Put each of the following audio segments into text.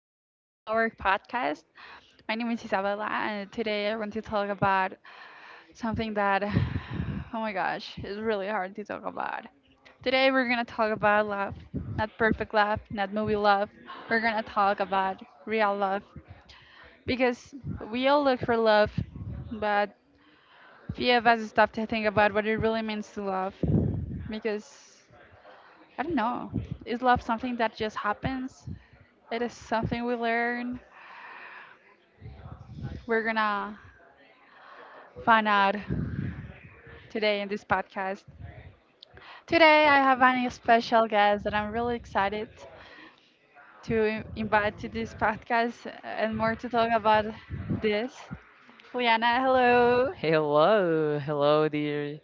again to our podcast. My name is Isabella, and today I want to talk about something that, oh my gosh, is really hard to talk about. Today we're going to talk about love. Not perfect love, not movie love. We're going to talk about real love because we all look for love, but few of us stop to think about what it really means to love because I don't know. Is love something that just happens? It is something we learn. We're gonna find out today in this podcast. Today, I have a special guest that I'm really excited to invite to this podcast and more to talk about this. Liana, hello. Hello, hello, dear.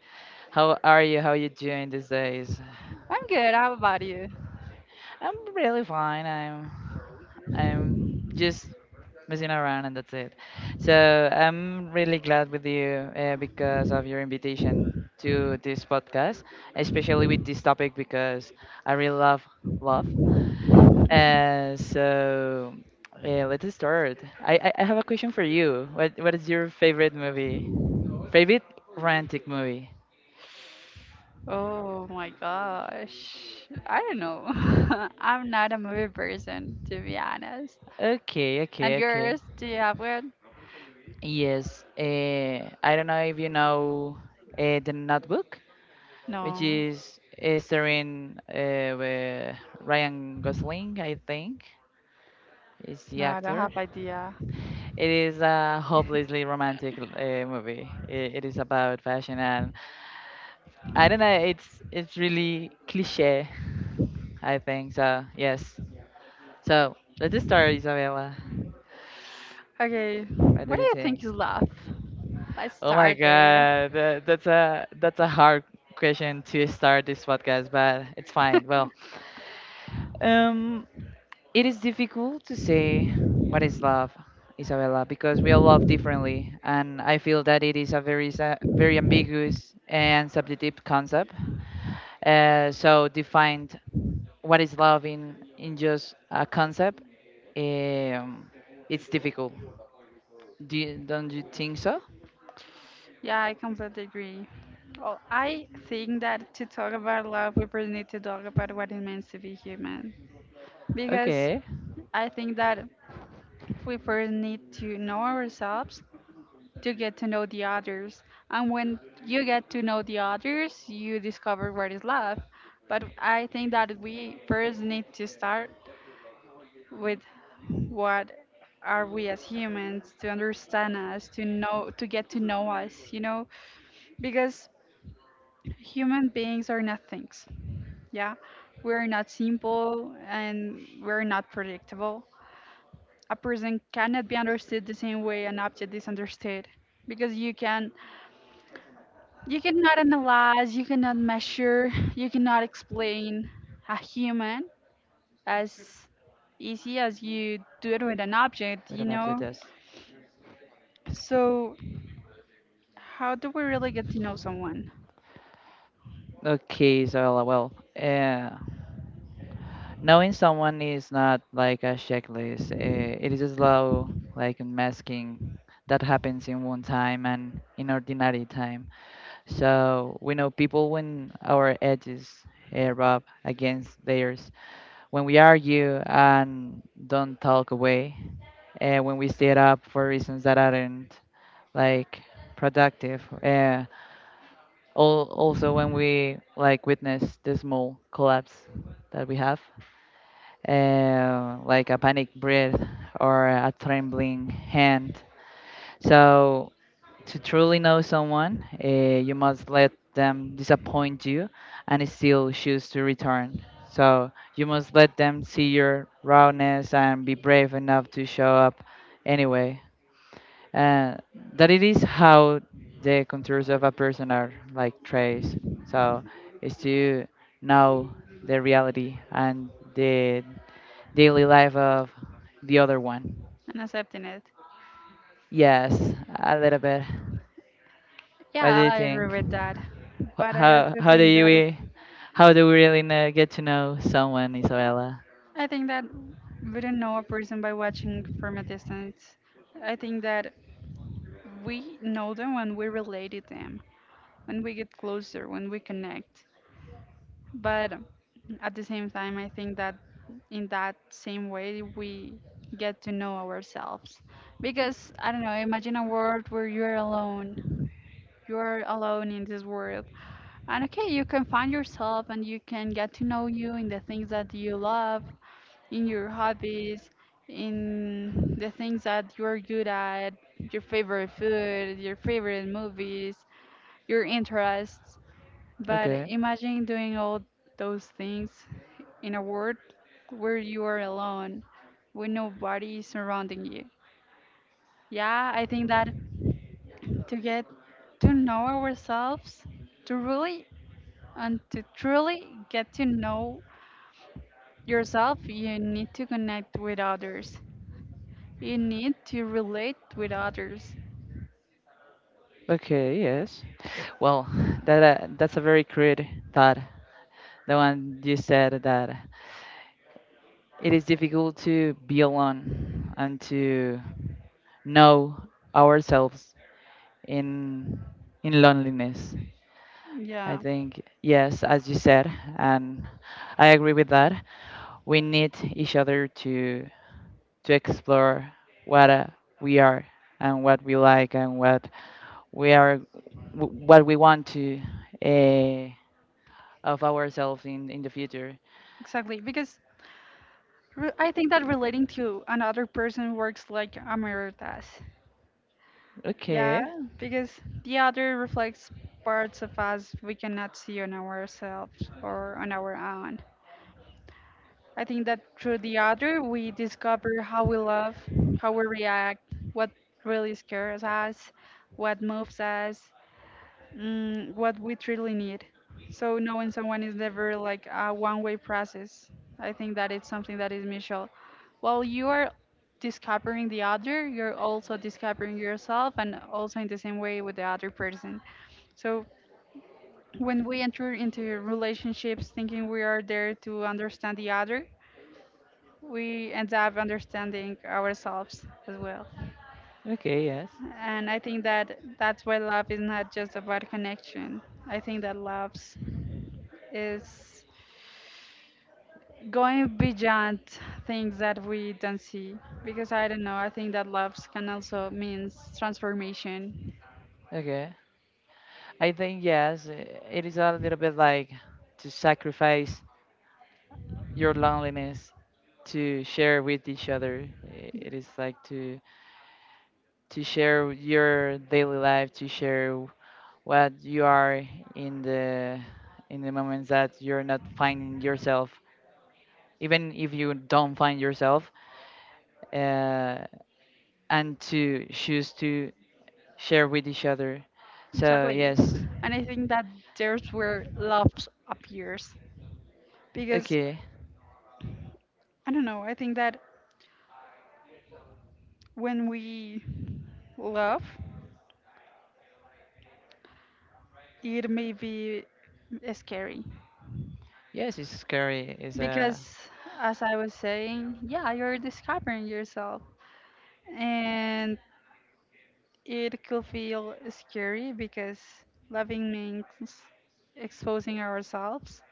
How are you? How are you doing these days? I'm good. How about you? I'm really fine. I'm just messing around and that's it. So I'm really glad with you because of your invitation to this podcast, especially with this topic because I really love love. So yeah, let's start. I have a question for you. What is your favorite movie? Favorite romantic movie? Oh my gosh. I don't know. I'm not a movie person, to be honest. Okay, okay, And okay. yours, do you have one? Yes, I don't know if you know The Notebook, which No, is starring with Ryan Gosling, I think, is the no, I don't actor. have idea. It is a hopelessly romantic movie. It is about fashion, and I don't know, it's really cliche, I think. So, yes. So, let's start, Isabella. Okay, What do what do you you think? think is love? Let's Oh my start there. God, that's a hard question to start this podcast, but it's fine. Well, um, it is difficult to say what is love, Isabella, because we all love differently, and I feel that it is a very very ambiguous and subjective concept. So defined what is love in just a concept, um, it's difficult. Do you, don't you think so? Yeah, I completely agree. Well, I think that to talk about love, we first need to talk about what it means to be human. Because Okay. I think that we first need to know ourselves to get to know the others. And when you get to know the others, you discover what is love. But I think that we first need to start with what are we as humans to understand us, to know, to get to know us, you know? Because human beings are not things. Yeah, we're not simple and we're not predictable. A person cannot be understood the same way an object is understood because you cannot analyze, you cannot measure, you cannot explain a human as easy as you do it with an object, With you an object, know? yes. So how do we really get to know someone Okay, so uh, knowing someone is not like a checklist. It is a slow, like masking that happens in one time and in ordinary time. So we know people when our edges rub against theirs, when we argue and don't talk away, when we stay up for reasons that aren't like productive. Also, when we like witness the small collapse that we have, like a panic breath or a trembling hand. So to truly know someone, you must let them disappoint you and still choose to return. So you must let them see your rawness and be brave enough to show up anyway. And that it is how the contours of a person are like trace. So is to know the reality and the daily life of the other one. and accepting it? Yes, a little bit. What do Yeah, you I agree think? with that. Wh- But I How also how do think you that how do we really know, get to know someone, Isabella? I think that we don't know a person by watching from a distance. I think that we know them when we relate to them, when we get closer, when we connect. But at the same time, I think that in that same way, we get to know ourselves. Because, I don't know, imagine a world where you're alone. You're alone in this world. And okay, you can find yourself and you can get to know you in the things that you love, in your hobbies, in the things that you're good at, your favorite food, your favorite movies, your interests. But Okay. imagine doing all those things in a world where you are alone, with nobody surrounding you. Yeah, I think that to get to know ourselves, to really and to truly get to know yourself, you need to connect with others. You need to relate with others. Okay. Yes. Well, that's a very crude thought. The one you said that it is difficult to be alone and to know ourselves in in loneliness. I Yeah, think, yes, as you said, and I agree with that. We need each other to explore what we are and what we like and what we are, what we want to uh, of ourselves in the future. exactly. Because I think that relating to another person works like a mirror does. Yeah, Okay, because the other reflects parts of us we cannot see on ourselves or on our own. I think that through the other, we discover how we love, how we react, what really scares us, what moves us, mm, what we truly need. So knowing someone is never like a one-way process. I think that it's something that is mutual. While you are discovering the other, you're also discovering yourself, and also in the same way with the other person. So when we enter into relationships thinking we are there to understand the other, we end up understanding ourselves as well. okay, yes, And I think that that's why love is not just about connection. I think that love's is going beyond things that we don't see because I don't know, I think that love can also means transformation. okay. I think yes, it is a little bit like to sacrifice your loneliness to share with each other. It is like to share your daily life, to share what you are in the in the moments that you're not finding yourself. Even if you don't find yourself, uh, and to choose to share with each other. So Exactly. yes, And I think that there's where love appears because okay, I don't know, I think that when we love, it may be scary yes, it's scary. It's a because as I was saying, yeah, you're discovering yourself and it could feel scary because loving means exposing ourselves,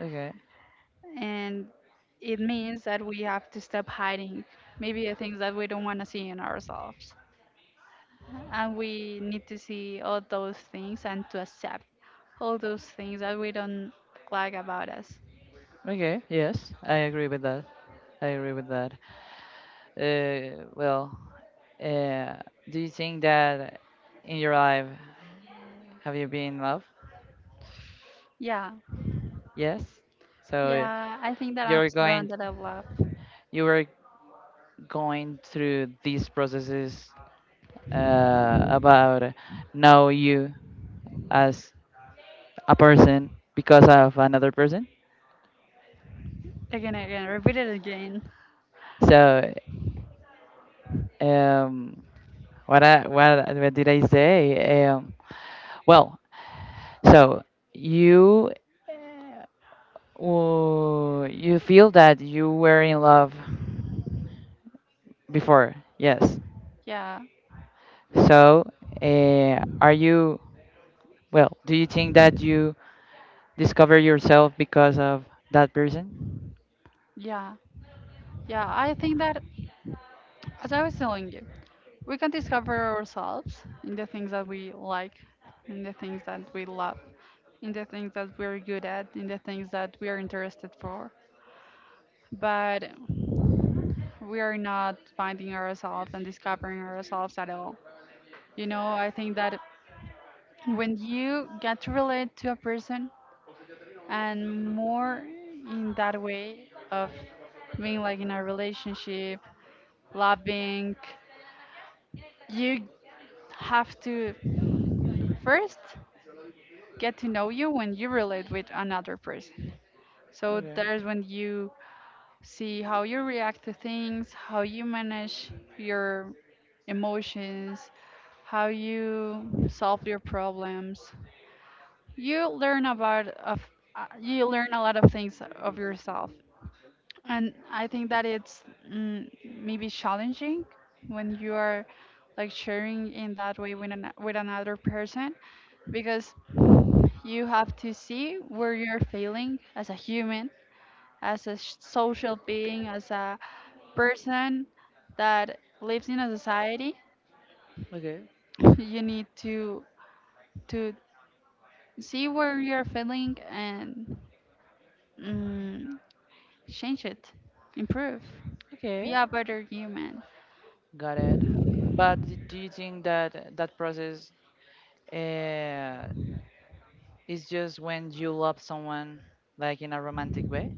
okay, and it means that we have to stop hiding maybe the things that we don't want to see in ourselves. And we need to see all those things and to accept all those things that we don't like about us. okay, yes, I agree with that. I agree with that. Uh, well, uh, do you think that in your life have you been in love? Yeah, Yes. So yeah, I think that I'm you're going, surrounded by love. you were going through these processes about know you as a person because of another person. Again, again, repeat it again. So um, what I, what did I say? Well, so you well, you feel that you were in love before, yes. Yeah, So, uh, are you, well, do you think that you discover yourself because of that person? yeah, yeah. I think that, as I was telling you, we can discover ourselves in the things that we like, in the things that we love, in the things that we're good at, in the things that we are interested for. But we are not finding ourselves and discovering ourselves at all. You know, I think that when you get to relate to a person and more in that way of being like in a relationship, loving, you have to first get to know you when you relate with another person. So Okay. there's when you see how you react to things, how you manage your emotions, how you solve your problems. You learn about of you learn a lot of things of yourself. And I think that it's mm, maybe challenging when you are like sharing in that way with with another person because you have to see where you're failing as a human, as a social being, as a person that lives in a society. Okay. You need to to see where you're failing and mm, change it, improve, Okay. be a better human. Got it. But do you think that that process uh, is just when you love someone, like in a romantic way?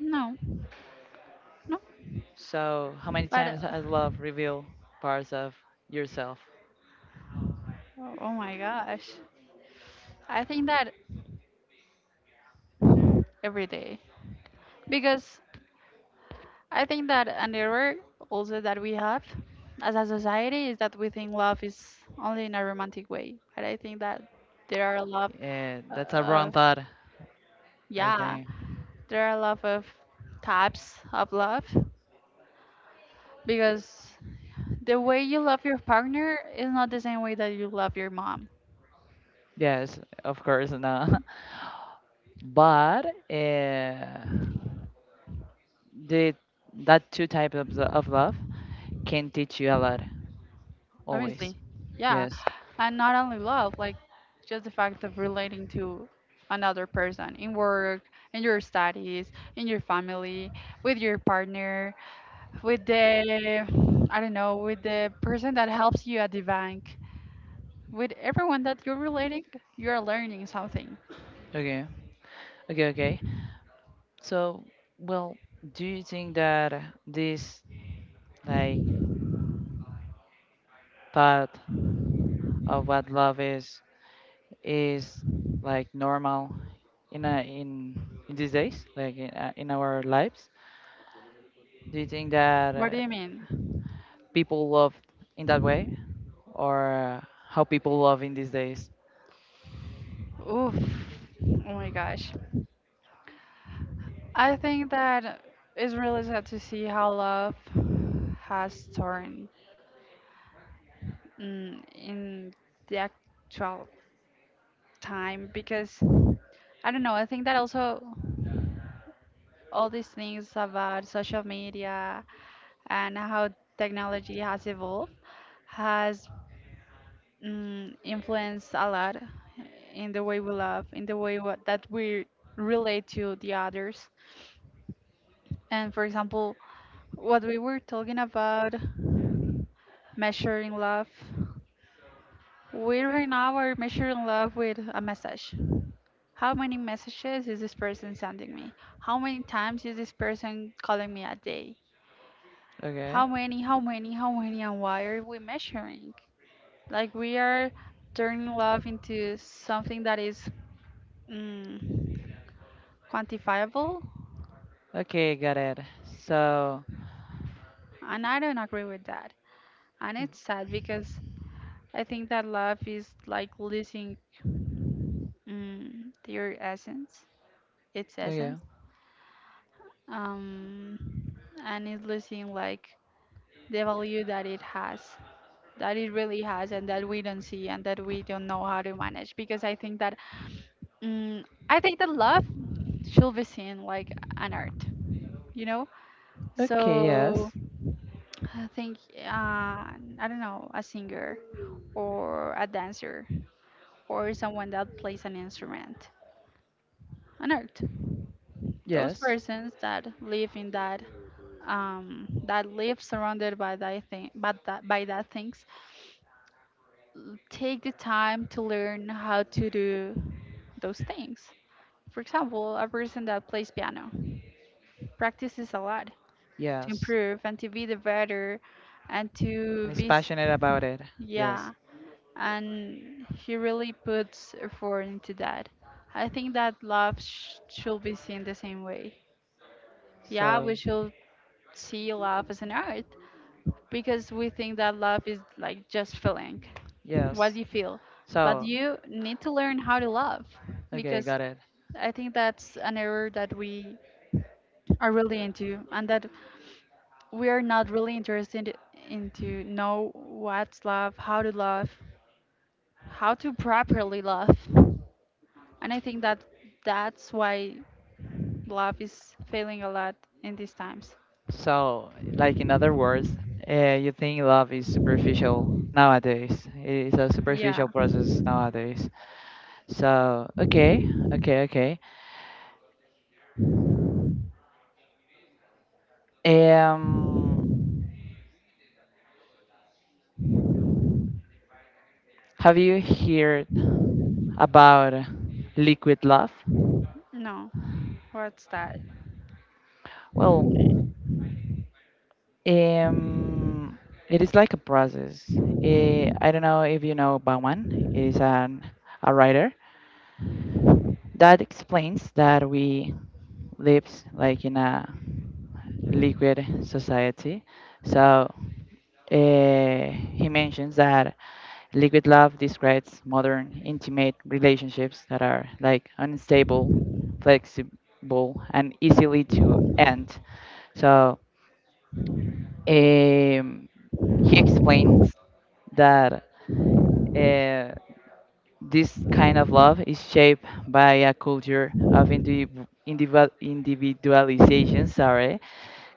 No, no. So, how many But times has love revealed parts of yourself? oh oh my gosh, I think that every day because I think that an error also that we have as a society is that we think love is only in a romantic way. But I think that there are a lot, That's a wrong uh, thought, I yeah, think. there are a lot of types of love because the way you love your partner is not the same way that you love your mom. Yes, of course, no. But the that two types of, of love can teach you a lot, always. Obviously, yeah. Yes. And not only love like just the fact of relating to another person, in work, in your studies, in your family, with your partner, with the, I don't know, with the person that helps you at the bank, with everyone that you're relating, you're learning something. Okay. Okay. Okay. So, well, do you think that this like thought of what love is like normal in a, in in these days, like in our lives? Do you think that What do you mean? people love in that way, or how people love in these days? Oof, oh my gosh, I think that it's really sad to see how love has turned, mm, in the actual time because I don't know, I think that also all these things about social media and how technology has evolved has, mm, influenced a lot in the way we love, in the way what, that we relate to the others. And for example, what we were talking about measuring love, we right now are measuring love with a message. How many messages is this person sending me? How many times is this person calling me a day? Okay. How many, how many, how many, and why are we measuring? Like we are turning love into something that is, mm, quantifiable, Okay, got it. So, and I don't agree with that. And it's sad because I think that love is like losing, mm, their essence, its okay. essence, um, and it's losing like the value that it has. That it really has and that we don't see and that we don't know how to manage because I think that, mm, I think that love should be seen like an art, you know? Okay, yes. So I think, uh, I don't know, a singer or a dancer or someone that plays an instrument, an art. Those Yes. persons that live in that, that live surrounded by that thing but that by that things take the time to learn how to do those things. For example, a person that plays piano practices a lot to Yes. improve and to be the better and to And he's passionate about it. Yes. yeah, and he really puts effort into that. I think that love should be seen the same way. Yeah, So, we should see love as an art because we think that love is like just feeling what yes. you feel, but So, you need to learn how to love okay, because got it. I think that's an error that we are really into and that we are not really interested into know what's love, how to properly love. And I think that that's why love is failing a lot in these times. So, like in other words, you think love is superficial nowadays. It is a Yeah. superficial process nowadays. So, okay, okay, okay. Um, have you heard about liquid love? No. What's that? Well, Um, it is like a process. I don't know if you know Bauman is an a writer that explains that we live like in a liquid society. So he mentions that liquid love describes modern intimate relationships that are like unstable, flexible, and easily to end. So um, he explains that uh, this kind of love is shaped by a culture of individualization, sorry,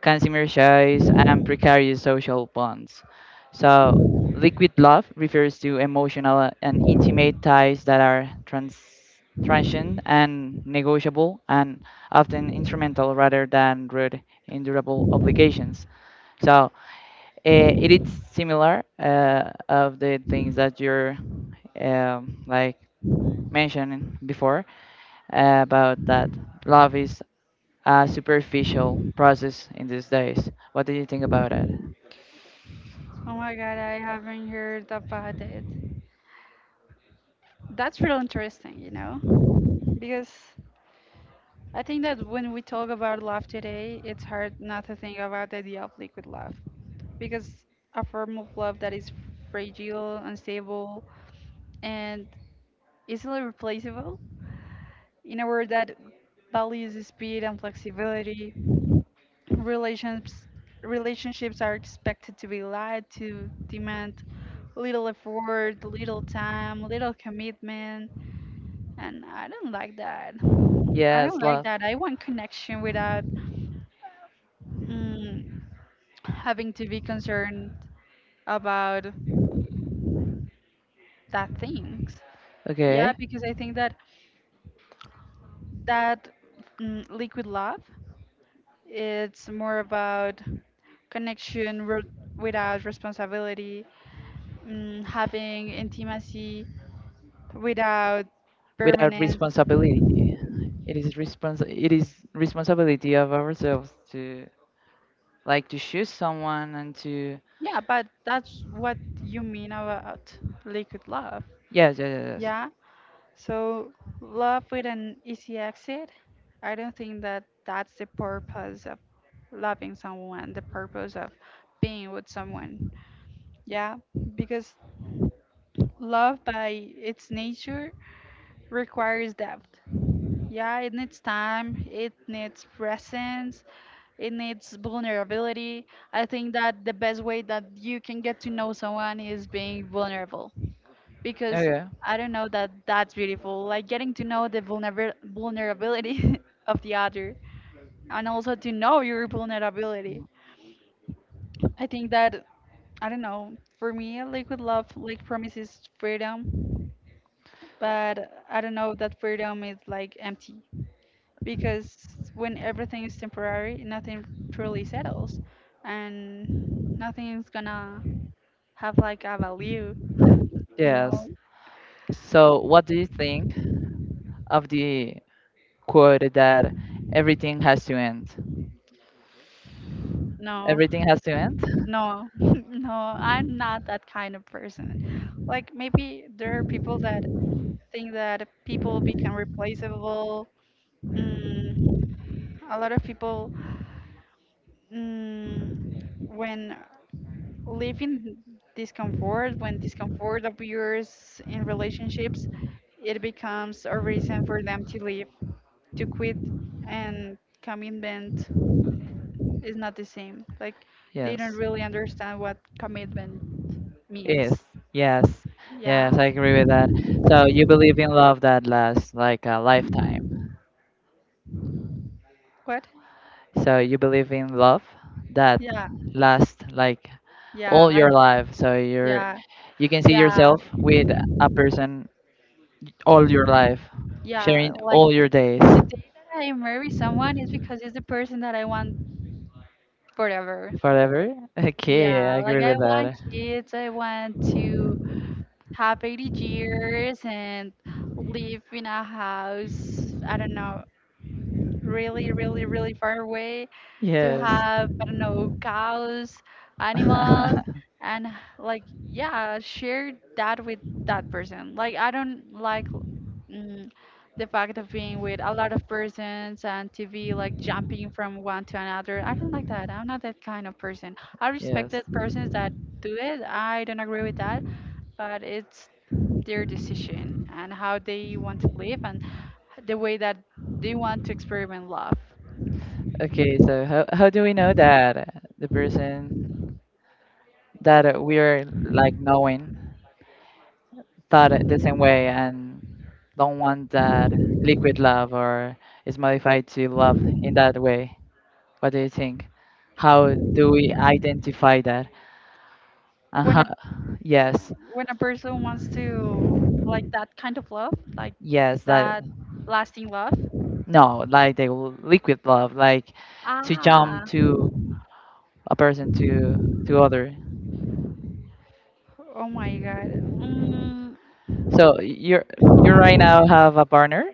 consumer choice, and precarious social bonds. So, liquid love refers to emotional and intimate ties that are transient and negotiable and often instrumental rather than rude, durable obligations. So, it is similar of the things that you're like mentioning before about that love is a superficial process in these days. What do you think about it? Oh my god, I haven't heard about it. That's real interesting, you know? Because I think that when we talk about love today, it's hard not to think about the idea of liquid love. Because a form of love that is fragile, unstable, and easily replaceable. In a world that values speed and flexibility, relationships relationships are expected to be light, to demand little effort, little time, little commitment, and I don't like that. I Yes, don't like love. that. I want connection without, mm, having to be concerned about that things. Okay, Yeah, because I think that that liquid love, it's more about connection without responsibility, having intimacy without without permanence. responsibility. It is it is responsibility of ourselves to like to choose someone and to Yeah, but that's what you mean about liquid love. yes, yes, yes, yes. Yeah, so love with an easy exit, I don't think that that's the purpose of loving someone, the purpose of being with someone. Yeah, because love by its nature requires depth. Yeah, it needs time, it needs presence, it needs vulnerability. I think that the best way that you can get to know someone is being vulnerable, Yeah. because Yeah. I don't know, that that's beautiful. Like getting to know the vulnerability of the other, and also to know your vulnerability. I think that I don't know. For me, liquid love like promises freedom, but I don't know that freedom is like empty, because when everything is temporary, nothing truly settles and nothing is gonna have like a value, you know. Yes. So, what do you think of the quote that everything has to end? No, Everything has to end? no, no, I'm not that kind of person. Like maybe there are people that think that people become replaceable. Mm, a lot of people, mm, when live in discomfort, when discomfort appears in relationships, it becomes a reason for them to leave, to quit. And commitment is not the same, like they don't Yes. really understand what commitment Yes, means. yes, yes, Yeah, I agree with that. So you believe in love that lasts like a lifetime. what? So you believe in love that Yeah, lasts like all yeah, I, your life. So you're yeah, you can see yeah, yourself with a person all your life, yeah, sharing like all your days the day I marry someone is because it's the person that I want forever. forever. Okay, I Yeah, like agree I with want that. kids, I want to have 80 years and live in a house, I don't know, really, really, really far away, to Yes. have, I don't know, cows, animals, and like, yeah, share that with that person. Like, I don't like, mm, the fact of being with a lot of persons and TV, like jumping from one to another. I don't like that. I'm not that kind of person. I respect Yes. the persons that do it. I don't agree with that, but it's their decision and how they want to live and the way that they want to experiment love. Okay, so how do we know that the person that we are like knowing thought it the same way and don't want that liquid love or is modified to love in that way? What do you think? How do we identify that? And When how, a yes, when a person wants to, like, that kind of love, like yes, that that lasting love. no, like the liquid love, like to jump Ah, to a person to other. oh my god. Mm, So you're you right now have a partner?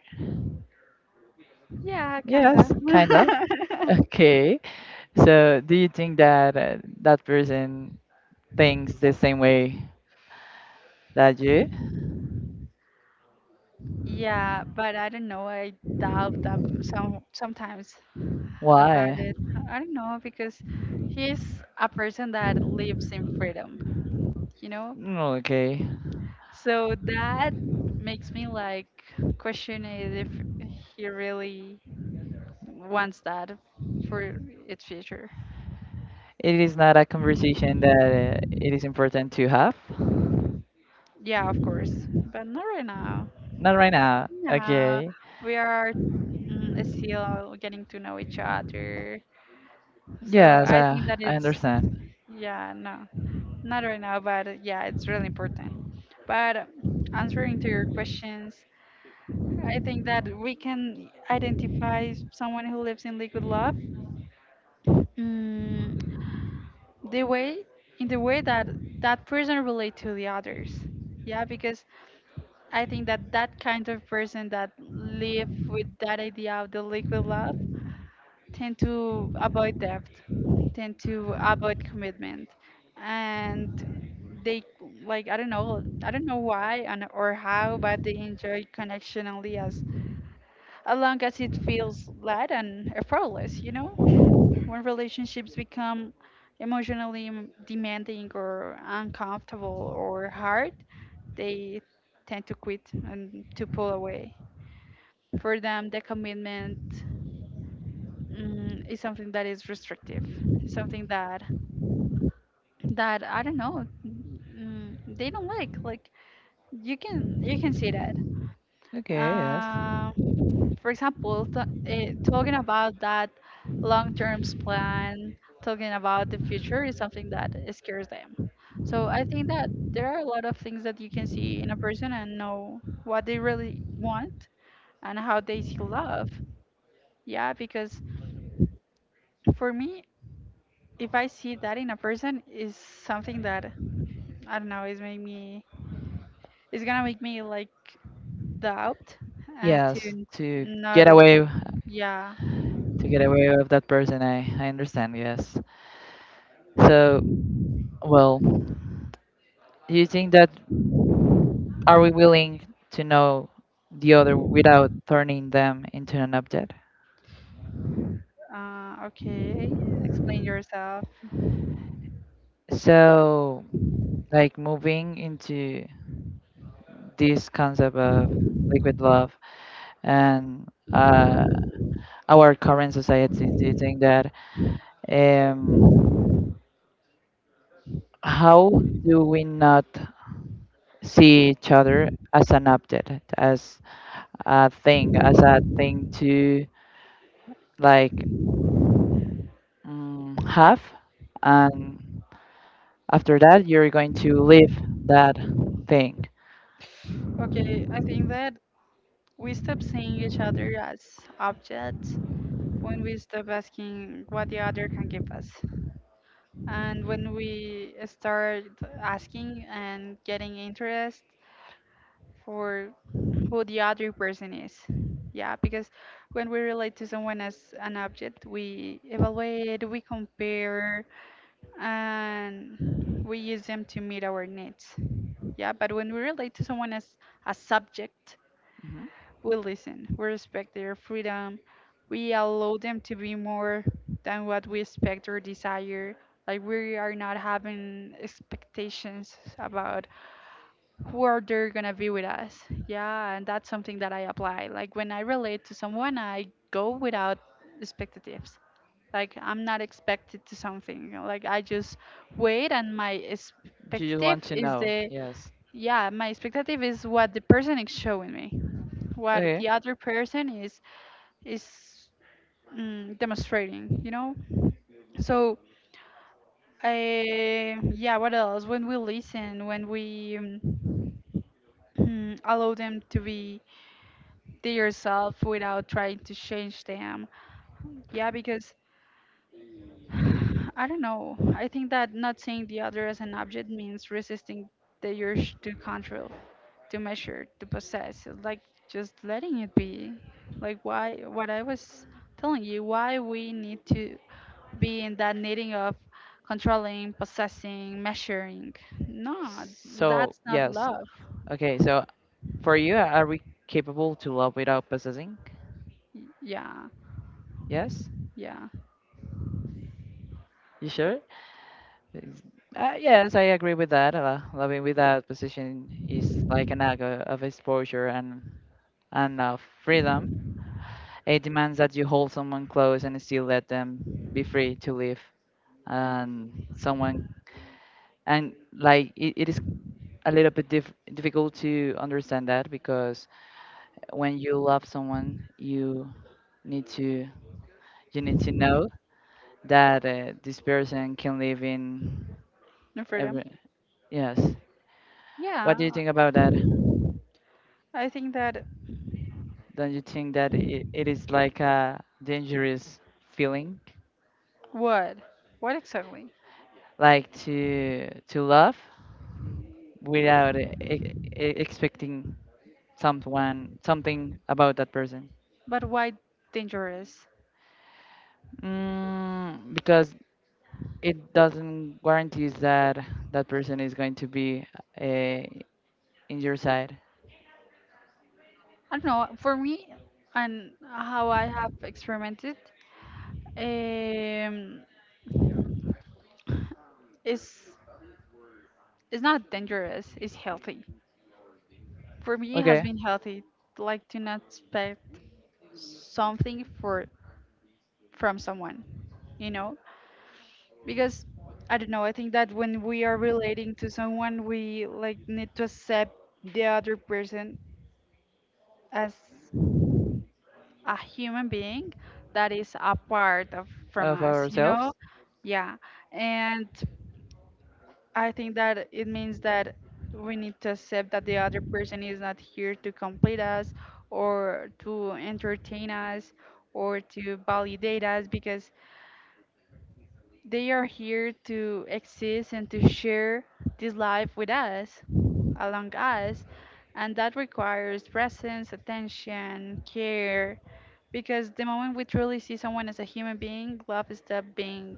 yeah, Yes, kinda. kind of. Okay. So do you think that that person thinks the same way that you? Yeah, but I don't know. I doubt that sometimes about Why? it. I don't know, because he's a person that lives in freedom. You know, Mm, okay. So that makes me like question it, if he really wants that for its future. It is not a conversation that it is important to have. Yeah, of course, but not right now. Not right now. No, Okay. we are still getting to know each other. So Yes, I think that I it's, understand. yeah, no, not right now, but yeah, it's really important. But answering to your questions, I think that we can identify someone who lives in liquid love. Mm, the way in the way that that person relate to the others. Yeah, because I think that that kind of person that live with that idea of the liquid love tend to avoid debt, tend to avoid commitment. And they, like, I don't know why and or how, but they enjoy connection only as long as it feels light and effortless, you know? When relationships become emotionally demanding or uncomfortable or hard, they tend to quit and to pull away. For them, the commitment is something that is restrictive, something that I don't know, they don't like. Like you can see that. Okay, yes. Uh, for example, talking about that long term plan, talking about the future is something that scares them. So I think that there are a lot of things that you can see in a person and know what they really want and how they see love. Yeah, because for me, if I see that in a person, is something that I don't know, is gonna make me like doubt, and Yes, to not get away yeah. to get away of that person, I understand, yes. So, well, do you think that are we willing to know the other without turning them into an object? Okay, explain yourself. So, like moving into this concept of liquid love and uh, our current society? Do you think that um, how do we not see each other as an object, as a thing to like have, and after that you're going to leave that thing? Okay, I think that we stop seeing each other as objects when we stop asking what the other can give us. And when we start asking and getting interest for who the other person is. Yeah, because when we relate to someone as an object, we evaluate, we compare, and we use them to meet our needs. Yeah, but when we relate to someone as a subject, Mhm. we listen, we respect their freedom, we allow them to be more than what we expect or desire. Like we are not having expectations about who are they gonna be with us. Yeah, and that's something that I apply. Like when I relate to someone, I go without expectatives. Like I'm not expected to something. Like I just wait, and my Do you expectative want to is know? the Yes. yeah, my expectative is what the person is showing me, what Okay. the other person is demonstrating, so I, yeah, what else? When we listen, when we allow them to be their self without trying to change them. Yeah, because I don't know. I think that not seeing the other as an object means resisting the urge to control, to measure, to possess. It's like just letting it be. Like, why? What I was telling you, why we need to be in that needing of controlling, possessing, measuring. No, So that's not yes. love. Okay. So for you, are we capable to love without possessing? Yeah, Yes? yeah. You sure? Is- yes, I agree with that. Loving without possession is like an act of exposure and of freedom. It demands that you hold someone close and still let them be free to live. And someone, and like it is a little bit difficult to understand that because when you love someone, need to you need to know that this person can live in No freedom. every yes, what do you Yeah. think about that? I think that. Don't you think that it is like a dangerous feeling, What? What exactly? like to love without expecting someone something about that person? But why dangerous? Mm, because it doesn't guarantees that that person is going to be uh, in your side. I don't know. For me, and how I have experimented, um, is it's not dangerous. It's healthy. For me, it has Okay, been healthy. Like, to not expect something for from someone, you know, because I don't know. I think that when we are relating to someone, we like need to accept the other person as a human being that is a part of from of us. ourselves. Yeah, and I think that it means that we need to accept that the other person is not here to complete us or to entertain us or to validate us, because they are here to exist and to share this life with us, along us, and that requires presence, attention, care, because the moment we truly see someone as a human being, love stops being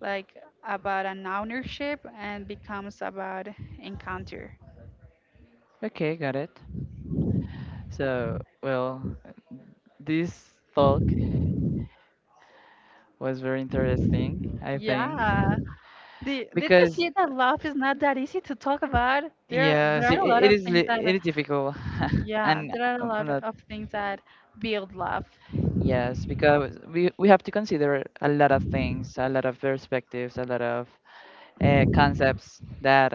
like about an ownership and becomes about encounter. Okay, got it. So, well, this talk was very interesting, I think, Yeah. Did you because see that love is not that easy to talk about? There yes, are a lot it of is things that it is difficult, yeah, and there are a lot not of things that build love. yes, because we have to consider a lot of things, a lot of perspectives, a lot of concepts that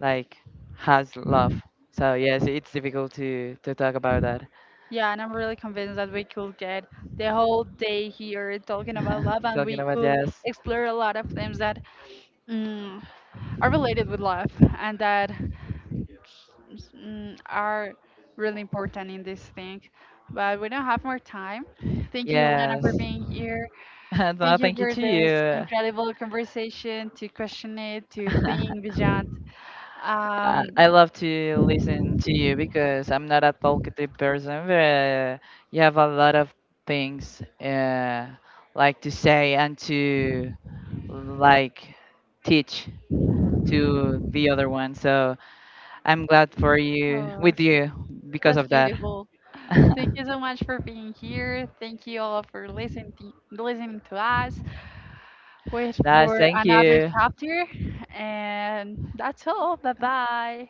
like has love. So yes, it's difficult to talk about that. Yeah, and I'm really convinced that we could get the whole day here talking about love, and Talking we about could yes. explore a lot of things that mm, are related with love and that are really important in this thing. But we don't have more time. Thank you, Lena, Yes. for being here. No, Thank you thank you for to this you. incredible conversation, to question it, to think beyond. Um, I love to listen to you because I'm not a talkative person, but you have a lot of things like to say and to like teach to the other one. So I'm glad for you oh, with you because that's of that. beautiful. Thank you so much for being here. Thank you all for listening to us. Wait Guys, for thank another you. chapter. And that's all. Bye bye.